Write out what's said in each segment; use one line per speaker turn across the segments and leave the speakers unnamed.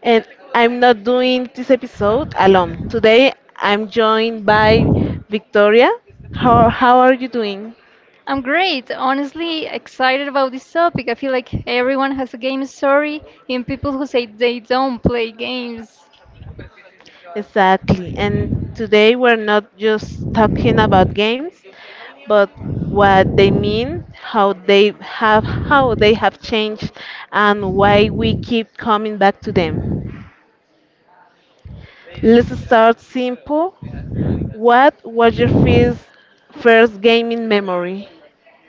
And I'm not doing this episode alone. Today I'm joined by Victoria. How are you doing?
I'm great. Honestly, excited about this topic. I feel like everyone has a game story, even people who say they don't play games.
Exactly. And today we're not just talking about games, but what they mean, how they have changed and why we keep coming back to them. Let's start simple. What was your first gaming memory?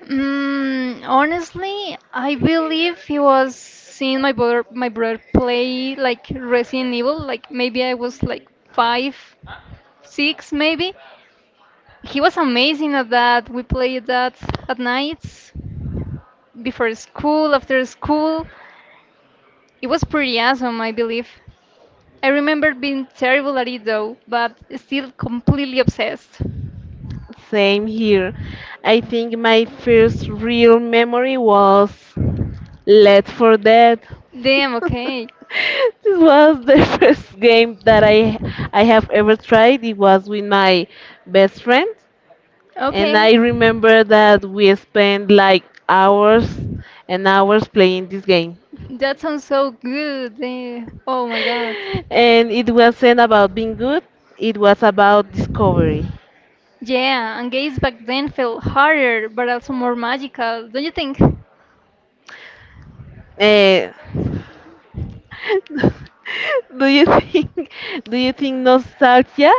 Honestly, I believe he was seeing my brother play like Resident Evil. Like maybe I was like five, six, maybe. He was amazing at that. We played that at nights, before school, after school. It was pretty awesome, I believe. I remember being terrible at it though, but still completely obsessed.
Same here. I think my first real memory was Left for Dead.
Damn, okay.
This was the first game that I have ever tried. It was with my best friend, and I
Okay,
remember that we spent like hours and hours playing this game.
that sounds so good. Oh my god.
And it wasn't about being good; it was about discovery.
Yeah, and games back then felt harder, but also more magical, don't you think?
Eh, Do you think do you think nostalgia?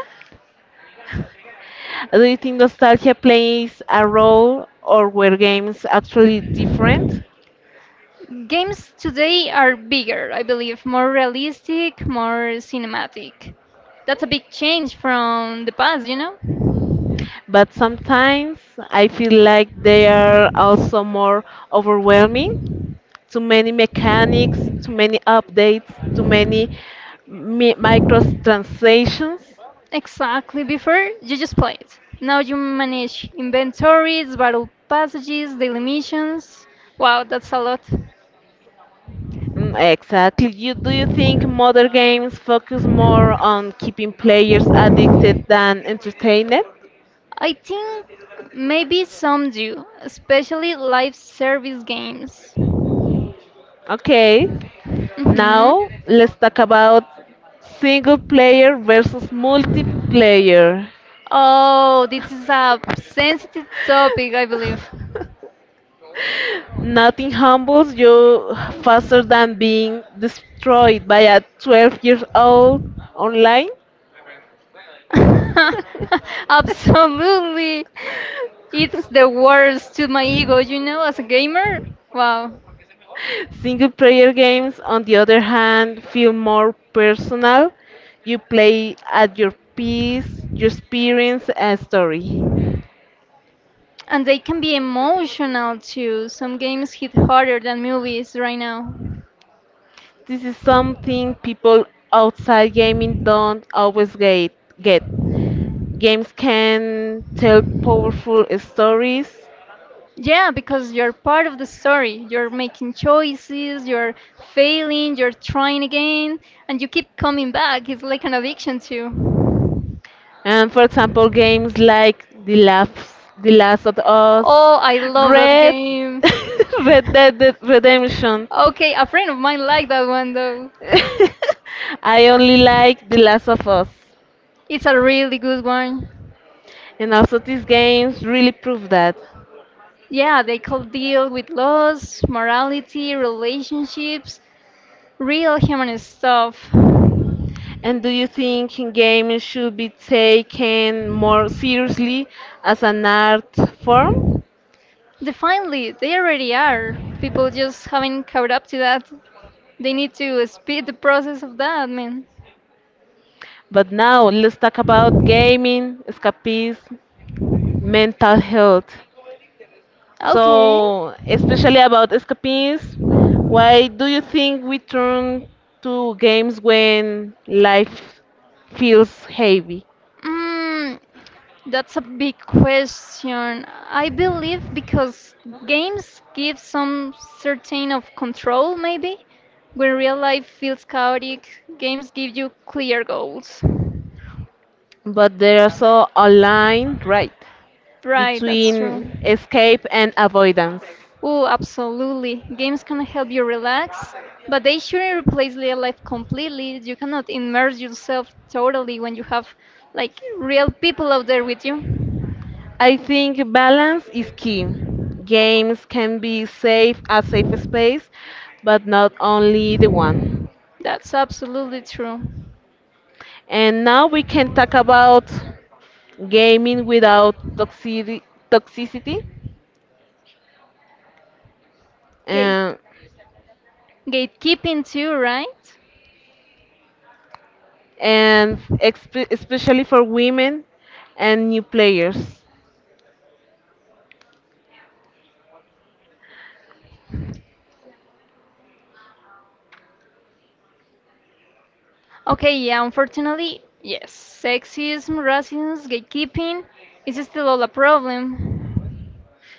Do you think nostalgia plays a role or were games actually different?
Games today are bigger, I believe, more realistic, more cinematic. That's a big change from the past, you know?
But sometimes I feel like they are also more overwhelming. Too many mechanics, too many updates, too many microtransactions.
Exactly. Before you just play it. Now you manage inventories, battle passages, daily missions. Wow, that's a lot.
Mm, exactly. Do you think modern games focus more on keeping players addicted than entertained?
I think maybe some do, especially live service games.
Okay,
Mhm.
now let's talk about single player versus multiplayer.
Oh, this is a sensitive topic, I believe.
Nothing humbles you faster than being destroyed by a 12-year-old online.
Absolutely. It's the worst to my ego, you know, as a gamer. Wow.
Single player games, on the other hand, feel more personal. You play at your pace, your experience, and story.
And they can be emotional too. Some games hit harder than movies right now.
This is something people outside gaming don't always get. Games can tell powerful stories.
Yeah, because you're part of the story. You're making choices, you're failing, you're trying again, and you keep coming back. It's like an addiction too.
And for example, games like The Last of Us,
Oh, I love that
Red,
game.
Red Dead Redemption.
Okay, a friend of mine liked that one though.
I only like The Last of Us.
It's a really good one.
And also these games really prove that.
Yeah, they could deal with loss, morality, relationships, real human stuff.
And do you think gaming should be taken more seriously as an art form?
Definitely, they already are. People just haven't caught up to that. They need to speed the process of that, man.
But now let's talk about gaming, escapism, mental health.
Okay.
So, especially about escapism, why do you think we turn to games when life feels heavy?
Mm, that's a big question. I believe because games give some certain of control, maybe. When real life feels chaotic, games give you clear goals.
But there is also a line, right,
Right, that's true.
between escape and avoidance.
Oh, absolutely. Games can help you relax, but they shouldn't replace real life completely. You cannot immerse yourself totally when you have like real people out there with you.
I think balance is key. Games can be safe a safe space, but not only the one.
That's absolutely true.
And now we can talk about gaming without toxicity
Gate
and,
gatekeeping too, right?
and especially for women and new players.
Okay, yeah, unfortunately, yes. Sexism, racism, gatekeeping is still all a problem.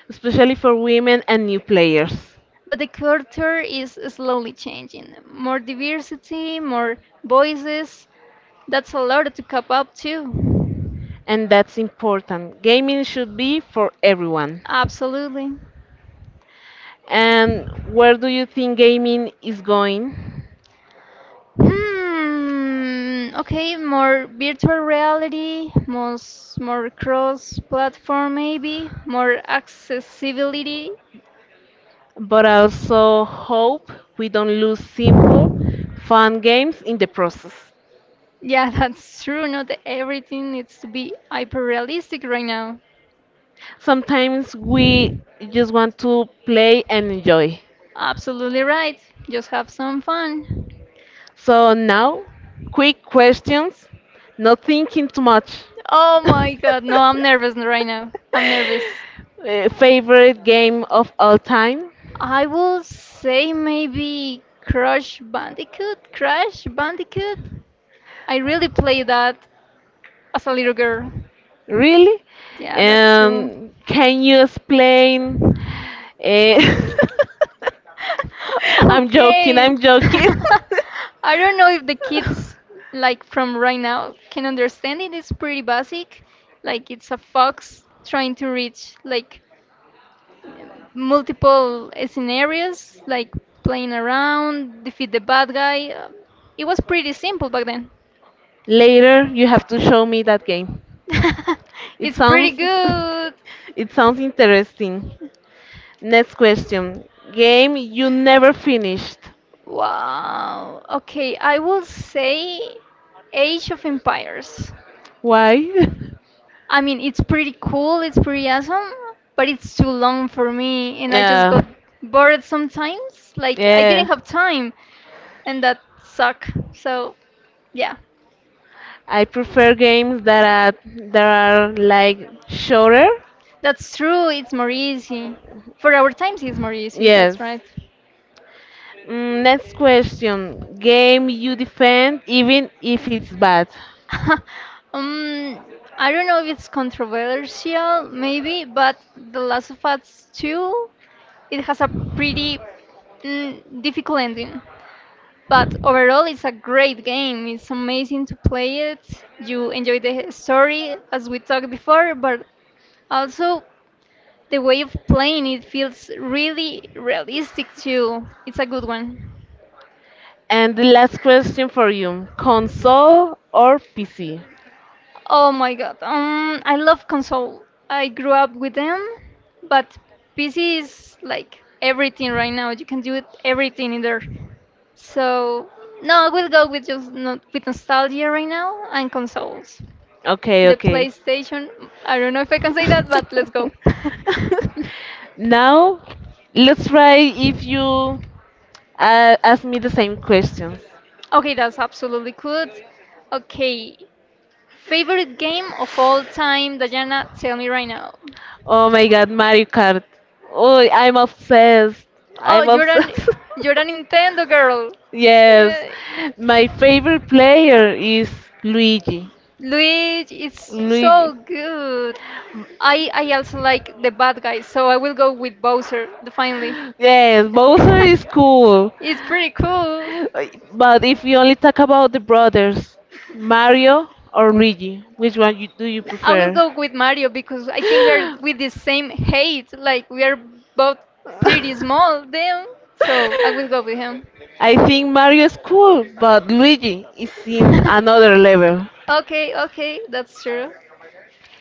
Especially for women and new players.
But the culture is slowly changing. More diversity, more voices. That's a lot to cup up to.
And that's important. Gaming should be for everyone.
Absolutely.
And where do you think gaming is going?
Hmm. Okay, more virtual reality, most more cross-platform maybe, more accessibility.
But I also hope we don't lose simple, fun games in the process.
Yeah, that's true. Not everything needs to be hyper-realistic right now.
Sometimes we just want to play and enjoy.
Absolutely right. Just have some fun.
So now, quick questions, not thinking too much.
Oh my God, no, I'm nervous right now. I'm nervous.
Favorite game of all time?
I will say maybe Crash Bandicoot. Crash Bandicoot. I really play that as a little girl.
Really?
Yeah, that's true.
Can you explain Eh, I'm joking,
Okay.
I'm joking.
I don't know if the kids like from right now can understand it. It's pretty basic. Like it's a fox trying to reach like multiple scenarios, like playing around, defeat the bad guy. It was pretty simple back then.
Later, you have to show me that game. It
It's pretty
sounds
good.
It sounds interesting. Next question. Game you never finished.
Wow. Okay, I will say Age of Empires.
Why?
I mean, it's pretty cool, it's pretty awesome, but it's too long for me, and I just
Yeah.
got bored sometimes. Like, I
Yeah.
didn't have time, and that suck. So, yeah,
I prefer games that are like shorter.
that's true, it's more easy. For our times, it's more easy, that's
Yes.
right.
Next question. Game you defend even if it's bad.
um, I don't know if it's controversial, maybe, but The Last of Us 2, it has a pretty difficult ending. But overall, it's a great game. It's amazing to play it. You enjoy the story, as we talked before, but also the way of playing it feels really realistic too. It's a good one.
And the last question for you. Console or PC?
Oh my god. I love console. I grew up with them, but PC is like everything right now. You can do it everything in there. So no, I will go with just not with nostalgia right now and consoles.
Okay,
The
okay.
PlayStation, I don't know if I can say that, but let's go.
Now, let's try if you ask me the same questions.
Okay, that's absolutely good. Okay, favorite game of all time, Diana, tell me right now.
Oh my god, Mario Kart. Oh, I'm obsessed.
Oh,
I'm obsessed.
you're a Nintendo girl.
Yes,
Uh,
my favorite player is Luigi.
Luigi is
Luigi.
so good. I also like the bad guys, so I will go with Bowser, the finally.
Yes, Bowser is cool.
It's pretty cool.
But if you only talk about the brothers, Mario or Luigi, which one do you
I will
prefer?
go with Mario because I think we are with the same height. Like we are both pretty small then. So I will go with him.
I think Mario is cool, but Luigi is in another level.
okay, okay, that's true.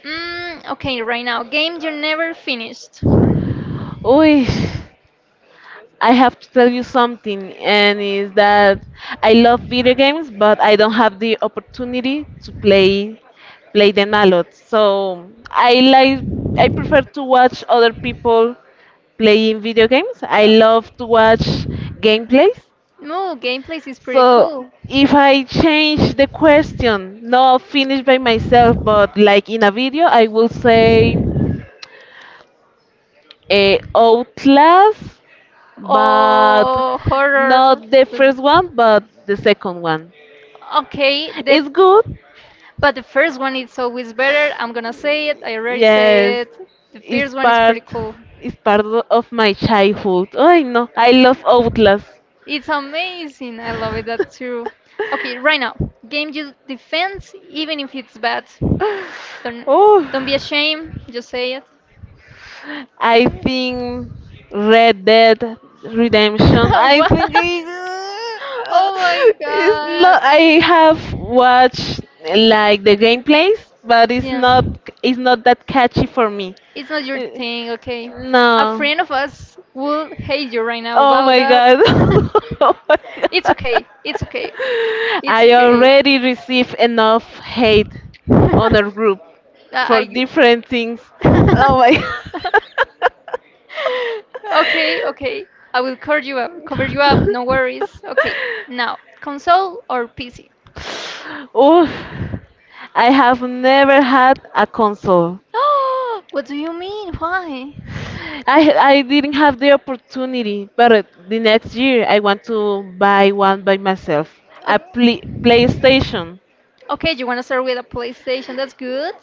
Okay, right now, game you never finished.
Uy. I have to
Oh.
tell you something, and is that I love video games, but I don't have the opportunity to play them a lot. So I prefer to watch other people playing video games. I love to watch gameplays.
No, gameplays is pretty
So
cool.
if I change the question, not finished by myself, but like in a video, I will say Outlast but
Oh, horror.
not the
with-
first one, but the second one.
Okay, the
It's good.
but the first one is always better. I'm gonna say it. I already
Yes,
say it. The
it's
first one is
part.
pretty cool.
It's part of my childhood. I know. I love Outlast.
It's amazing. I love it. That's true. Okay, right now, game you defense, even if it's bad. Don't
Oh.
don't be ashamed. Just say it.
I think Red Dead Redemption. I
what?
think
Oh my
it's
god.
not. I have watched like the gameplays, but it's
Yeah.
not. It's not that catchy for me.
It's not your
Uh,
thing, okay? A
No.
friend of us will hate you right now
Oh
about
my
that.
god. Oh my
it's
god.
okay. It's okay. It's
I
okay.
already received enough hate on our group
I.
for
I-
different things. Oh my
okay, okay. I will cover you up. Cover you up. No worries. Okay. Now, console or PC?
Oof. I have never had a console.
what do you mean? Why?
I I didn't have the opportunity, but the next year I want to buy one by myself,
O-
a PlayStation.
Okay, you want to start with a PlayStation? That's good.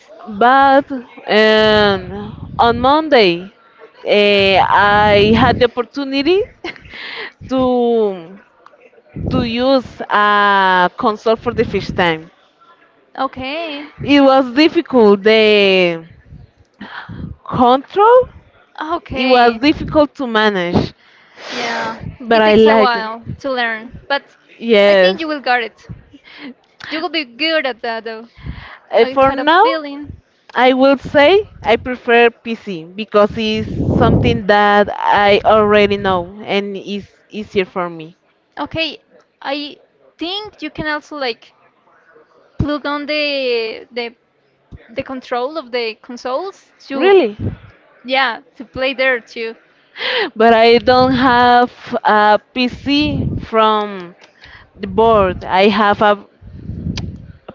But on Monday, I had the opportunity to to use a console for the first time.
Okay.
It was difficult. The control,
Ah,
it was
okay.
difficult to manage,
Yeah,
but
it
I
takes a
liked it.
while to learn, but I
Yes.
think you will get it. You will be good at that, though.
Uh,
I
for
had a
now,
feeling.
I will say I prefer PC because it's something that I already know and is easier for me.
Okay, I think you can also like plug on the control of the consoles to
Really?
yeah to play there too.
But I don't have a PC from the board. I have a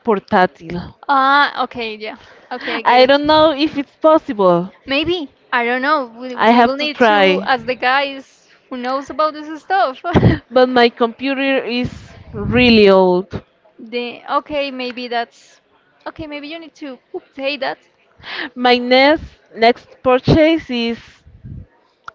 portátil.
Ah, okay, yeah, okay, I get
I
it.
don't know if it's possible.
Maybe, I don't know. We,
I
we
have
will
to
need to
try.
ask the guys who knows about this stuff.
But my computer is really old.
the Okay, maybe that's okay. Maybe you need to say that.
My next purchase is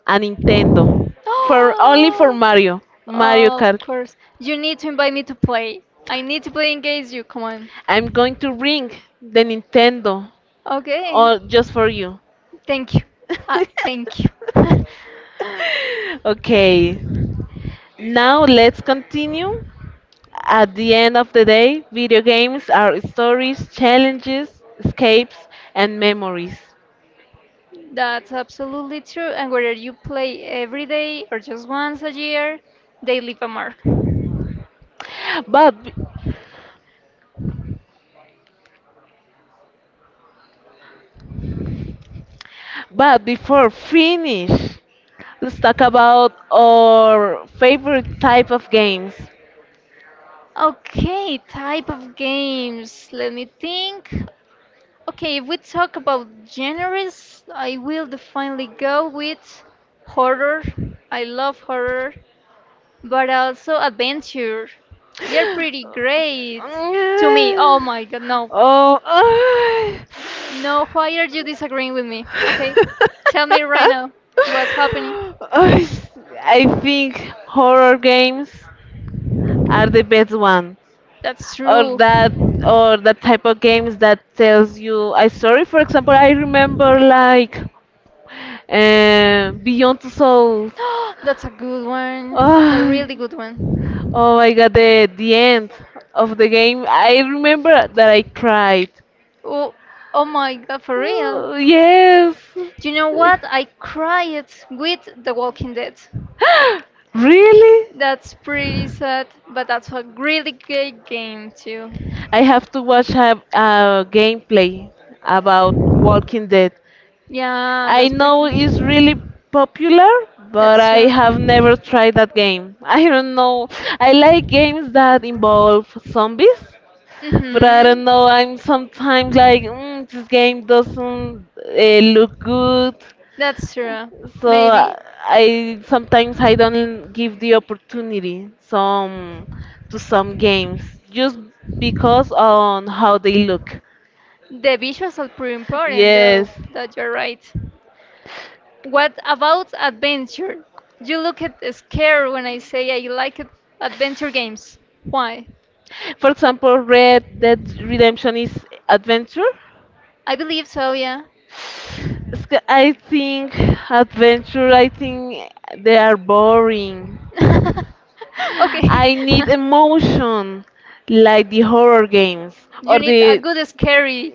a Nintendo. For Mario, Mario
Oh, of
Kart.
course. You need to invite me to play. I need to play against you. Come on.
I'm going to bring the Nintendo
Okay.
all just for you.
Thank you. Thank you.
Okay. Now let's continue. At the end of the day, video games are stories, challenges, escapes, and memories.
That's absolutely true. And whether you play every day or just once a year, they leave a mark.
But but before finish, let's talk about our favorite type of games.
Okay, type of games. Let me think. Okay, if we talk about genres, I will definitely go with horror. I love horror, but also adventure. They're pretty great to me. Oh my god, no.
Oh,
No, why are you disagreeing with me? Okay, tell me right now what's happening.
I I think horror games are the best one,
That's
or
true.
that or that type of games that tells you a story. For example, I remember like Beyond Two Souls.
That's a good one. That's a
Oh,
really good one.
oh my God, the end of the game. I remember that I cried.
Oh, oh my god, for real.
Oh, yes.
You know what? I cried with The Walking Dead.
Really?
That's pretty sad, but that's a really great game too.
I have to watch a gameplay about Walking Dead.
Yeah,
I
that's pretty
know it's
cool.
really popular, but
That's
I have never
true.
tried that game. I don't know. I like games that involve zombies, but I
Mm-hmm.
don't know. I'm sometimes like, this game doesn't look good.
That's true.
So
Maybe
I sometimes I don't give the opportunity some to some games just because on how they look.
the visuals are pretty important,
Yes.
though. That you're right. What about adventure? You look at scared when I say I like it- Adventure games. Why?
For example, Red Dead Redemption is adventure.
I believe so, yeah.
I think adventure, I think they are boring.
okay.
I need emotion like the horror games. Or
you need a
the
good scary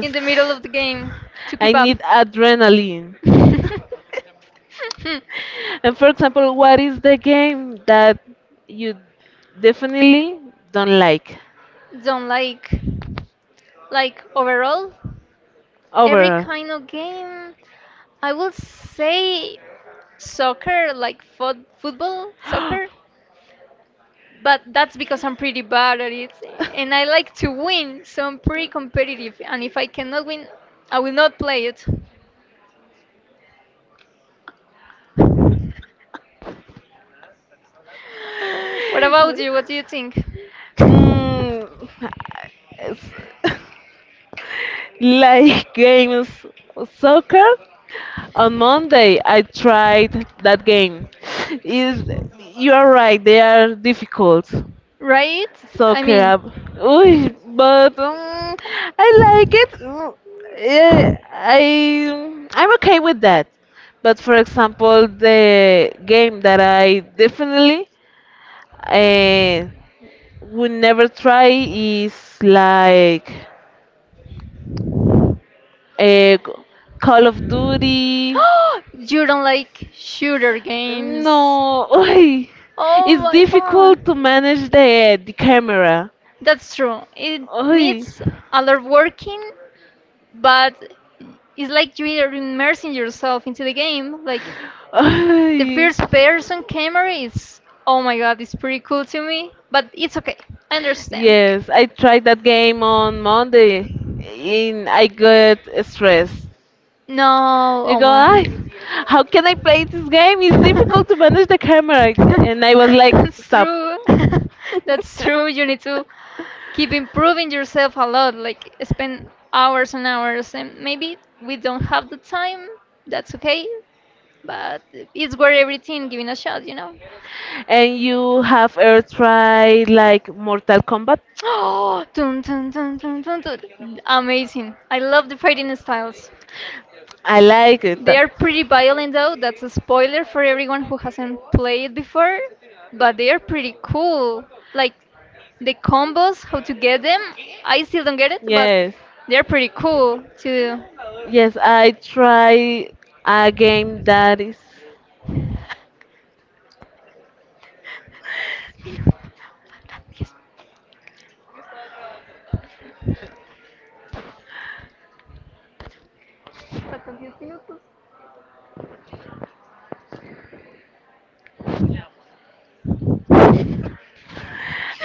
in the middle of the game to
I
keep up.
need adrenaline. And for example, what is the game that you definitely don't like
Don't like. Like overall, every
overall?
kind of game. I will say soccer, like football, soccer. But that's because I'm pretty bad at it and I like to win, so I'm pretty competitive. And if I cannot win, I will not play it. What about you? What do you think?
Mm, it's- like games, soccer? On Monday, I tried that game. Is you are right, they are difficult.
Right? I
Soccer, app.
mean,
Uy, but I like it. I'm okay with that. But for example, the game that I definitely uh, would never try is like uh, Call of Duty.
you don't like shooter games.
No, oy,
Oh
it's
my
difficult to
god.
manage the camera.
That's true. It
Oy,
needs a lot of working, but it's like you're immersing yourself into the game. Like the
oy.
first person camera is, oh my god, it's pretty cool to me, but it's okay. I understand.
Yes, I tried that game on Monday, and I got stressed.
No,
You
oh
go,
my.
"Ay, how can I play this game? It's difficult to manage the camera." And I was like,
That's
stop.
true. That's true. You need to keep improving yourself a lot, like spend hours and hours, and maybe we don't have the time. That's okay. But it's worth everything giving a shot, you know?
And you have ever tried like Mortal Kombat?
Oh, dun, dun, dun, dun, dun, dun. Amazing. I love the fighting styles.
I like it.
They are pretty violent though. That's a spoiler for everyone who hasn't played before, but they are pretty cool. Like the combos, how to get them, I still don't get it, but
Yes,
they're pretty cool to
yes, I try a game that is.
do.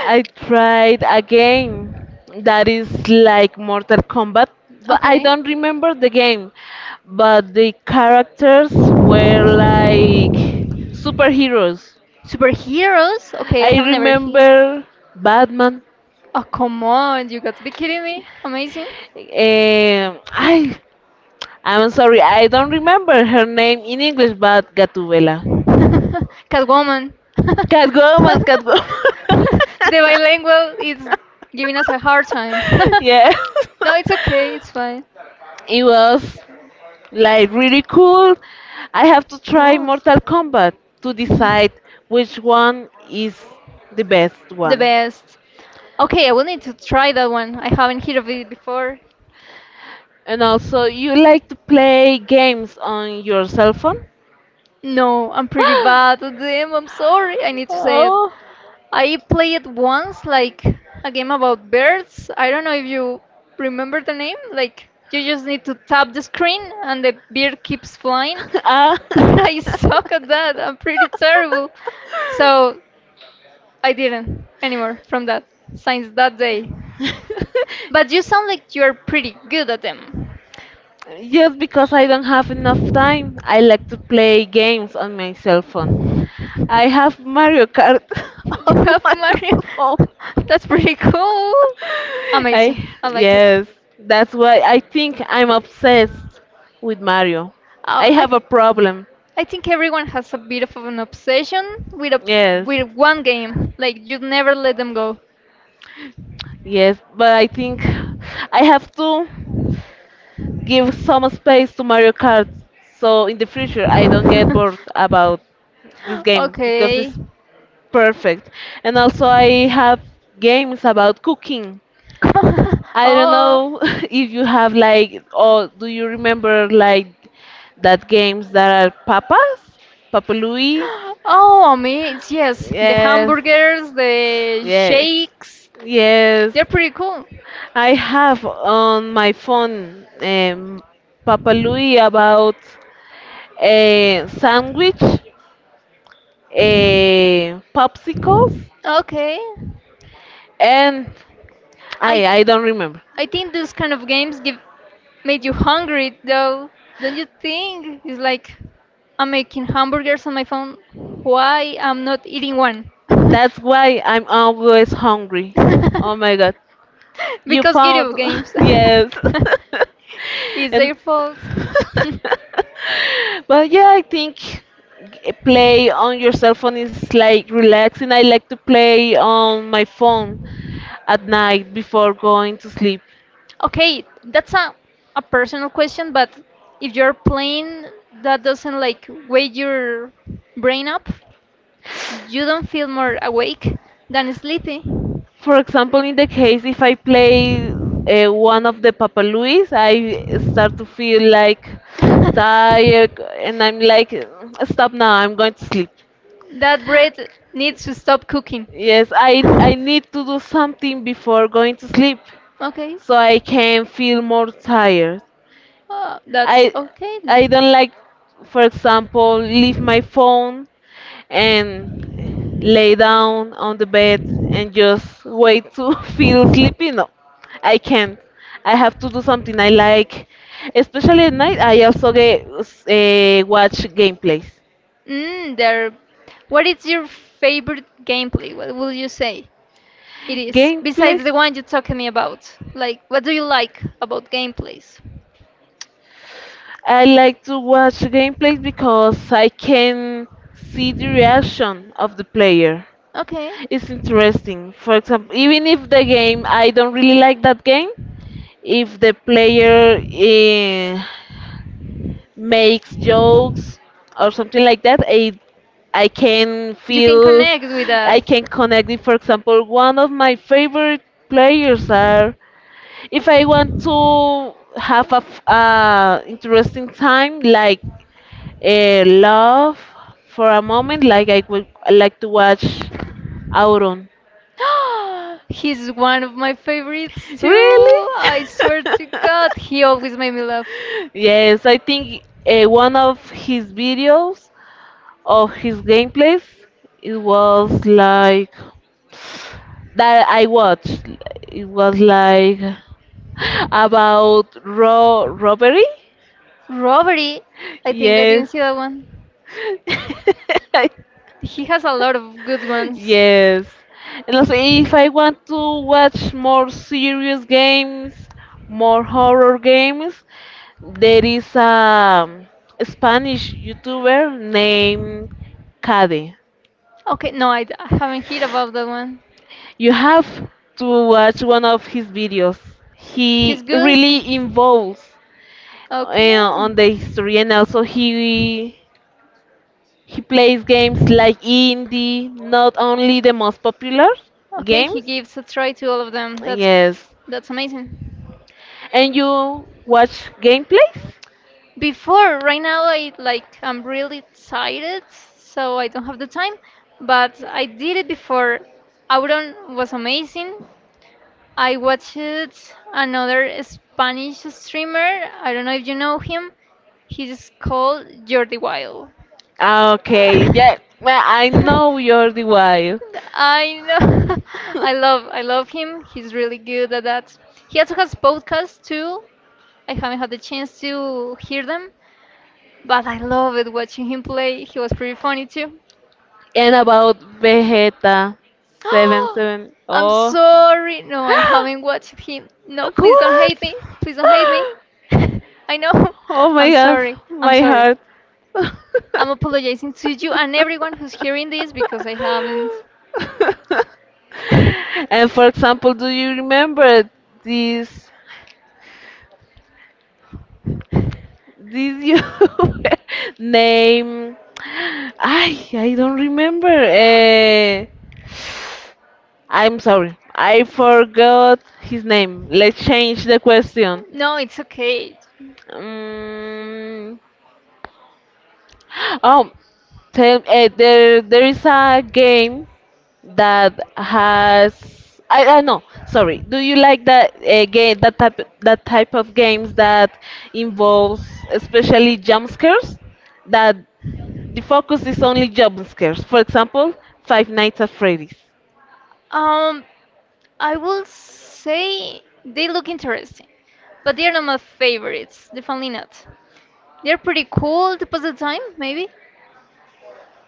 I tried a game that is like Mortal Kombat, but I
Okay.
don't remember the game. But the characters were like superheroes.
Superheroes? Okay, I
I
have never he.
remember Batman.
Oh, come on, you got to be kidding me. Amazing.
I I'm sorry, I don't remember her name in English, but Gatubela.
Catwoman. the
Catwoman, Catwoman.
bilingual is giving us a hard time.
Yes.
no, it's okay. It's fine.
It was like really cool. I have to
It
try
was.
Mortal Kombat to
Mhm.
decide which one is the best
The
one.
best. Okay, I will need to try that one. I haven't heard of it before.
And also, you like to play games on your cell phone?
No, I'm pretty bad at them. I'm sorry. I need to say it.
Oh,
I played once, like a game about birds. I don't know if you remember the name. Like you just need to tap the screen and the bird keeps flying.
ah.
But I suck at that. I'm pretty terrible. So I didn't anymore from that since that day. But you sound like you're pretty good at them.
Just because I don't have enough time, I like to play games on my cell phone. I have Mario Kart
You
on
have
my
Mario.
phone.
That's pretty cool.
I
Amazing. I like it.
yes, that's why I think I'm obsessed with Mario.
Uh,
I
I
have a problem.
I think everyone has a bit of an obsession with a
Yes.
with one game. Like you never let them go.
Yes, but I think I have to. Give some space to Mario Kart so in the future I don't get bored about this game because
okay.
it's perfect. And also I have games about cooking. I don't
oh.
know if you have like or do you remember like that games that are papas? Papa Louie?
Oh, amazing. Yes, the
Yes.
hamburgers, the
Yes,
shakes,
yes.
they're pretty cool.
I have on my phone Papa Louis about a sandwich, a popsicles,
Okay.
and
I
I don't remember.
I think those kind of games give made you hungry though. Don't you think? It's like I'm making hamburgers on my phone. Why I'm not eating one?
That's why I'm always hungry. Oh my god. You
Because
found
video games.
yes.
It's
and
their fault.
But yeah, I think play on your cell phone is like relaxing. I like to play on my phone at night before going to sleep.
Okay, that's a personal question, but if you're playing that doesn't like wake your brain up, you don't feel more awake than sleepy.
For example, in the case if I play one of the Papa Louis, I start to feel like tired, and I'm like, stop now, I'm going to sleep.
That bread needs to stop cooking.
Yes, I need to do something before going to sleep
Okay.
so I can feel more tired. I
That's okay.
I don't like, for example, leave my phone and lay down on the bed and just wait to feel sleepy. No, I can't. I have to do something I like, especially at night. I also get watch gameplays.
Mm, there. What is your favorite gameplay? What will you say it is?
Gameplay.
Besides the one you talked to me about. Like, what do you like about gameplays?
I like to watch gameplays because I can see the reaction of the player.
Okay.
It's interesting. For example, even if the game I don't really like that game, if the player makes jokes or something like that, I can
You can
feel
connect with that.
I can connect it. For example, one of my favorite players are if I want to have a interesting time like love for a moment, like I like to watch Auron.
He's one of my favorites too.
Really?
I swear to God, he always made me laugh.
Yes, I think one of his videos of his gameplays it was like that I watched. It was like about ro robbery.
Robbery? I think I
Yes.
didn't see that one. He has a lot of good ones.
Yes. And also, if I want to watch more serious games, more horror games, there is a Spanish YouTuber named Cade.
Okay, no, I haven't heard about that one.
You have to watch one of his videos.
He's
He
good?
really involves
Okay.
on the history, and also he plays games like indie, not only the most popular
Okay, he
games.
gives a try to all of them.
Yes,
That's amazing.
and you watch gameplays?
Before, right now I'm really excited, so I don't have the time, but I did it before. Auron was amazing. I watched another Spanish streamer. I don't know if you know him. He's called Jordi Wild.
Okay, yeah. Well, I know you're the wild.
I know. I love him. He's really good at that. He also has podcasts too. I haven't had the chance to hear them, but I love it watching him play. He was pretty funny too.
And about Vegeta 770.
I'm sorry. No, I haven't watched him. No, please don't hate
What?
me. Please don't hate me. I know.
Oh
I'm
my god,
sorry. I'm
my
sorry.
heart.
I'm apologizing to you and everyone who's hearing this because I haven't.
And for example, do you remember this this YouTuber name? I don't remember. I'm sorry, I forgot his name. Let's change the question.
no, it's okay.
Mm, oh, tell There is a game that has I don't know. Sorry. Do you like that game? That type of games that involves especially jump scares? That the focus is only jump scares. For example, Five Nights at Freddy's.
Um, I will say they look interesting, but they're not my favorites. Definitely not. They're pretty cool to pass the time, maybe.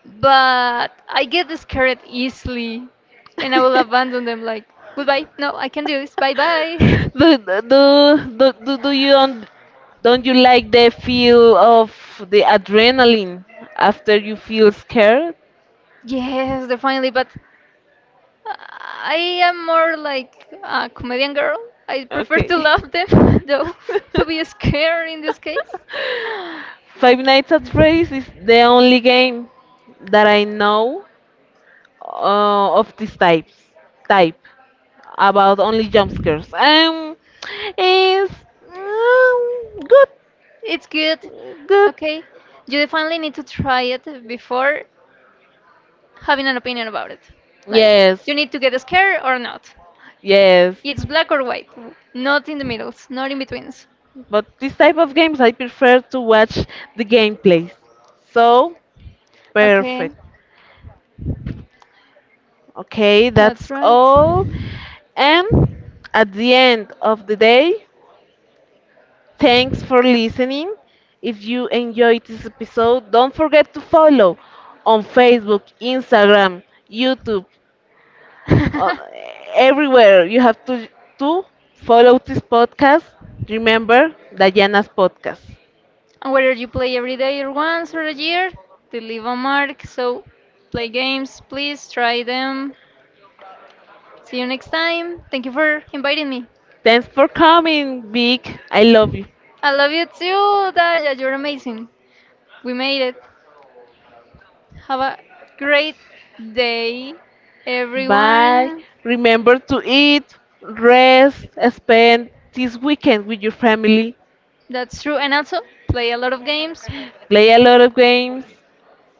But I get scared easily and I will abandon them like goodbye no I can do this bye bye.
Do, do, do, do, do you don't you like the feel of the adrenaline after you feel scared?
yes definitely but I am more like a comedian girl. I prefer
Okay.
to love them though to be scared in this case.
Five Nights at Freddy's is the only game that I know of this type. About only jump scares. Is um, good,
it's good.
good.
Okay, you definitely need to try it before having an opinion about it, like
Yes,
you need to get scared or not.
yes.
It's black or white, not in the middles, not in betweens.
But this type of games, I prefer to watch the gameplays. So
Okay,
perfect. Okay,
that's
that's
right.
all. And at the end of the day, thanks for listening. If you enjoyed this episode, don't forget to follow on Facebook, Instagram, YouTube, uh, everywhere. You have to follow this podcast. Remember Diana's podcast.
Whether you play every day or once or a year, to leave a mark. So play games, please try them. See you next time. Thank you for inviting me.
Thanks for coming, Vic. I love you.
I love you too, Daya. You're amazing. We made it. Have a great day,
Bye.
everyone.
Remember to eat, rest, spend this weekend with your family.
That's true. And also, play a lot of games.
Play a lot of games.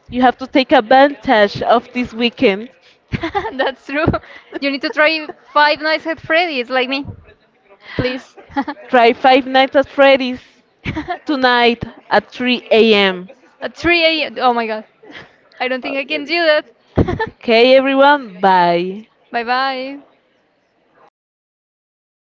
You have to take advantage of this weekend.
That's true. You need to try Five Nights at Freddy's, like me. Please.
Try Five Nights at Freddy's
at
tonight at 3 a.m.
3 a.m. Oh my god. I don't think I can do that.
Okay, everyone, bye.
bye bye.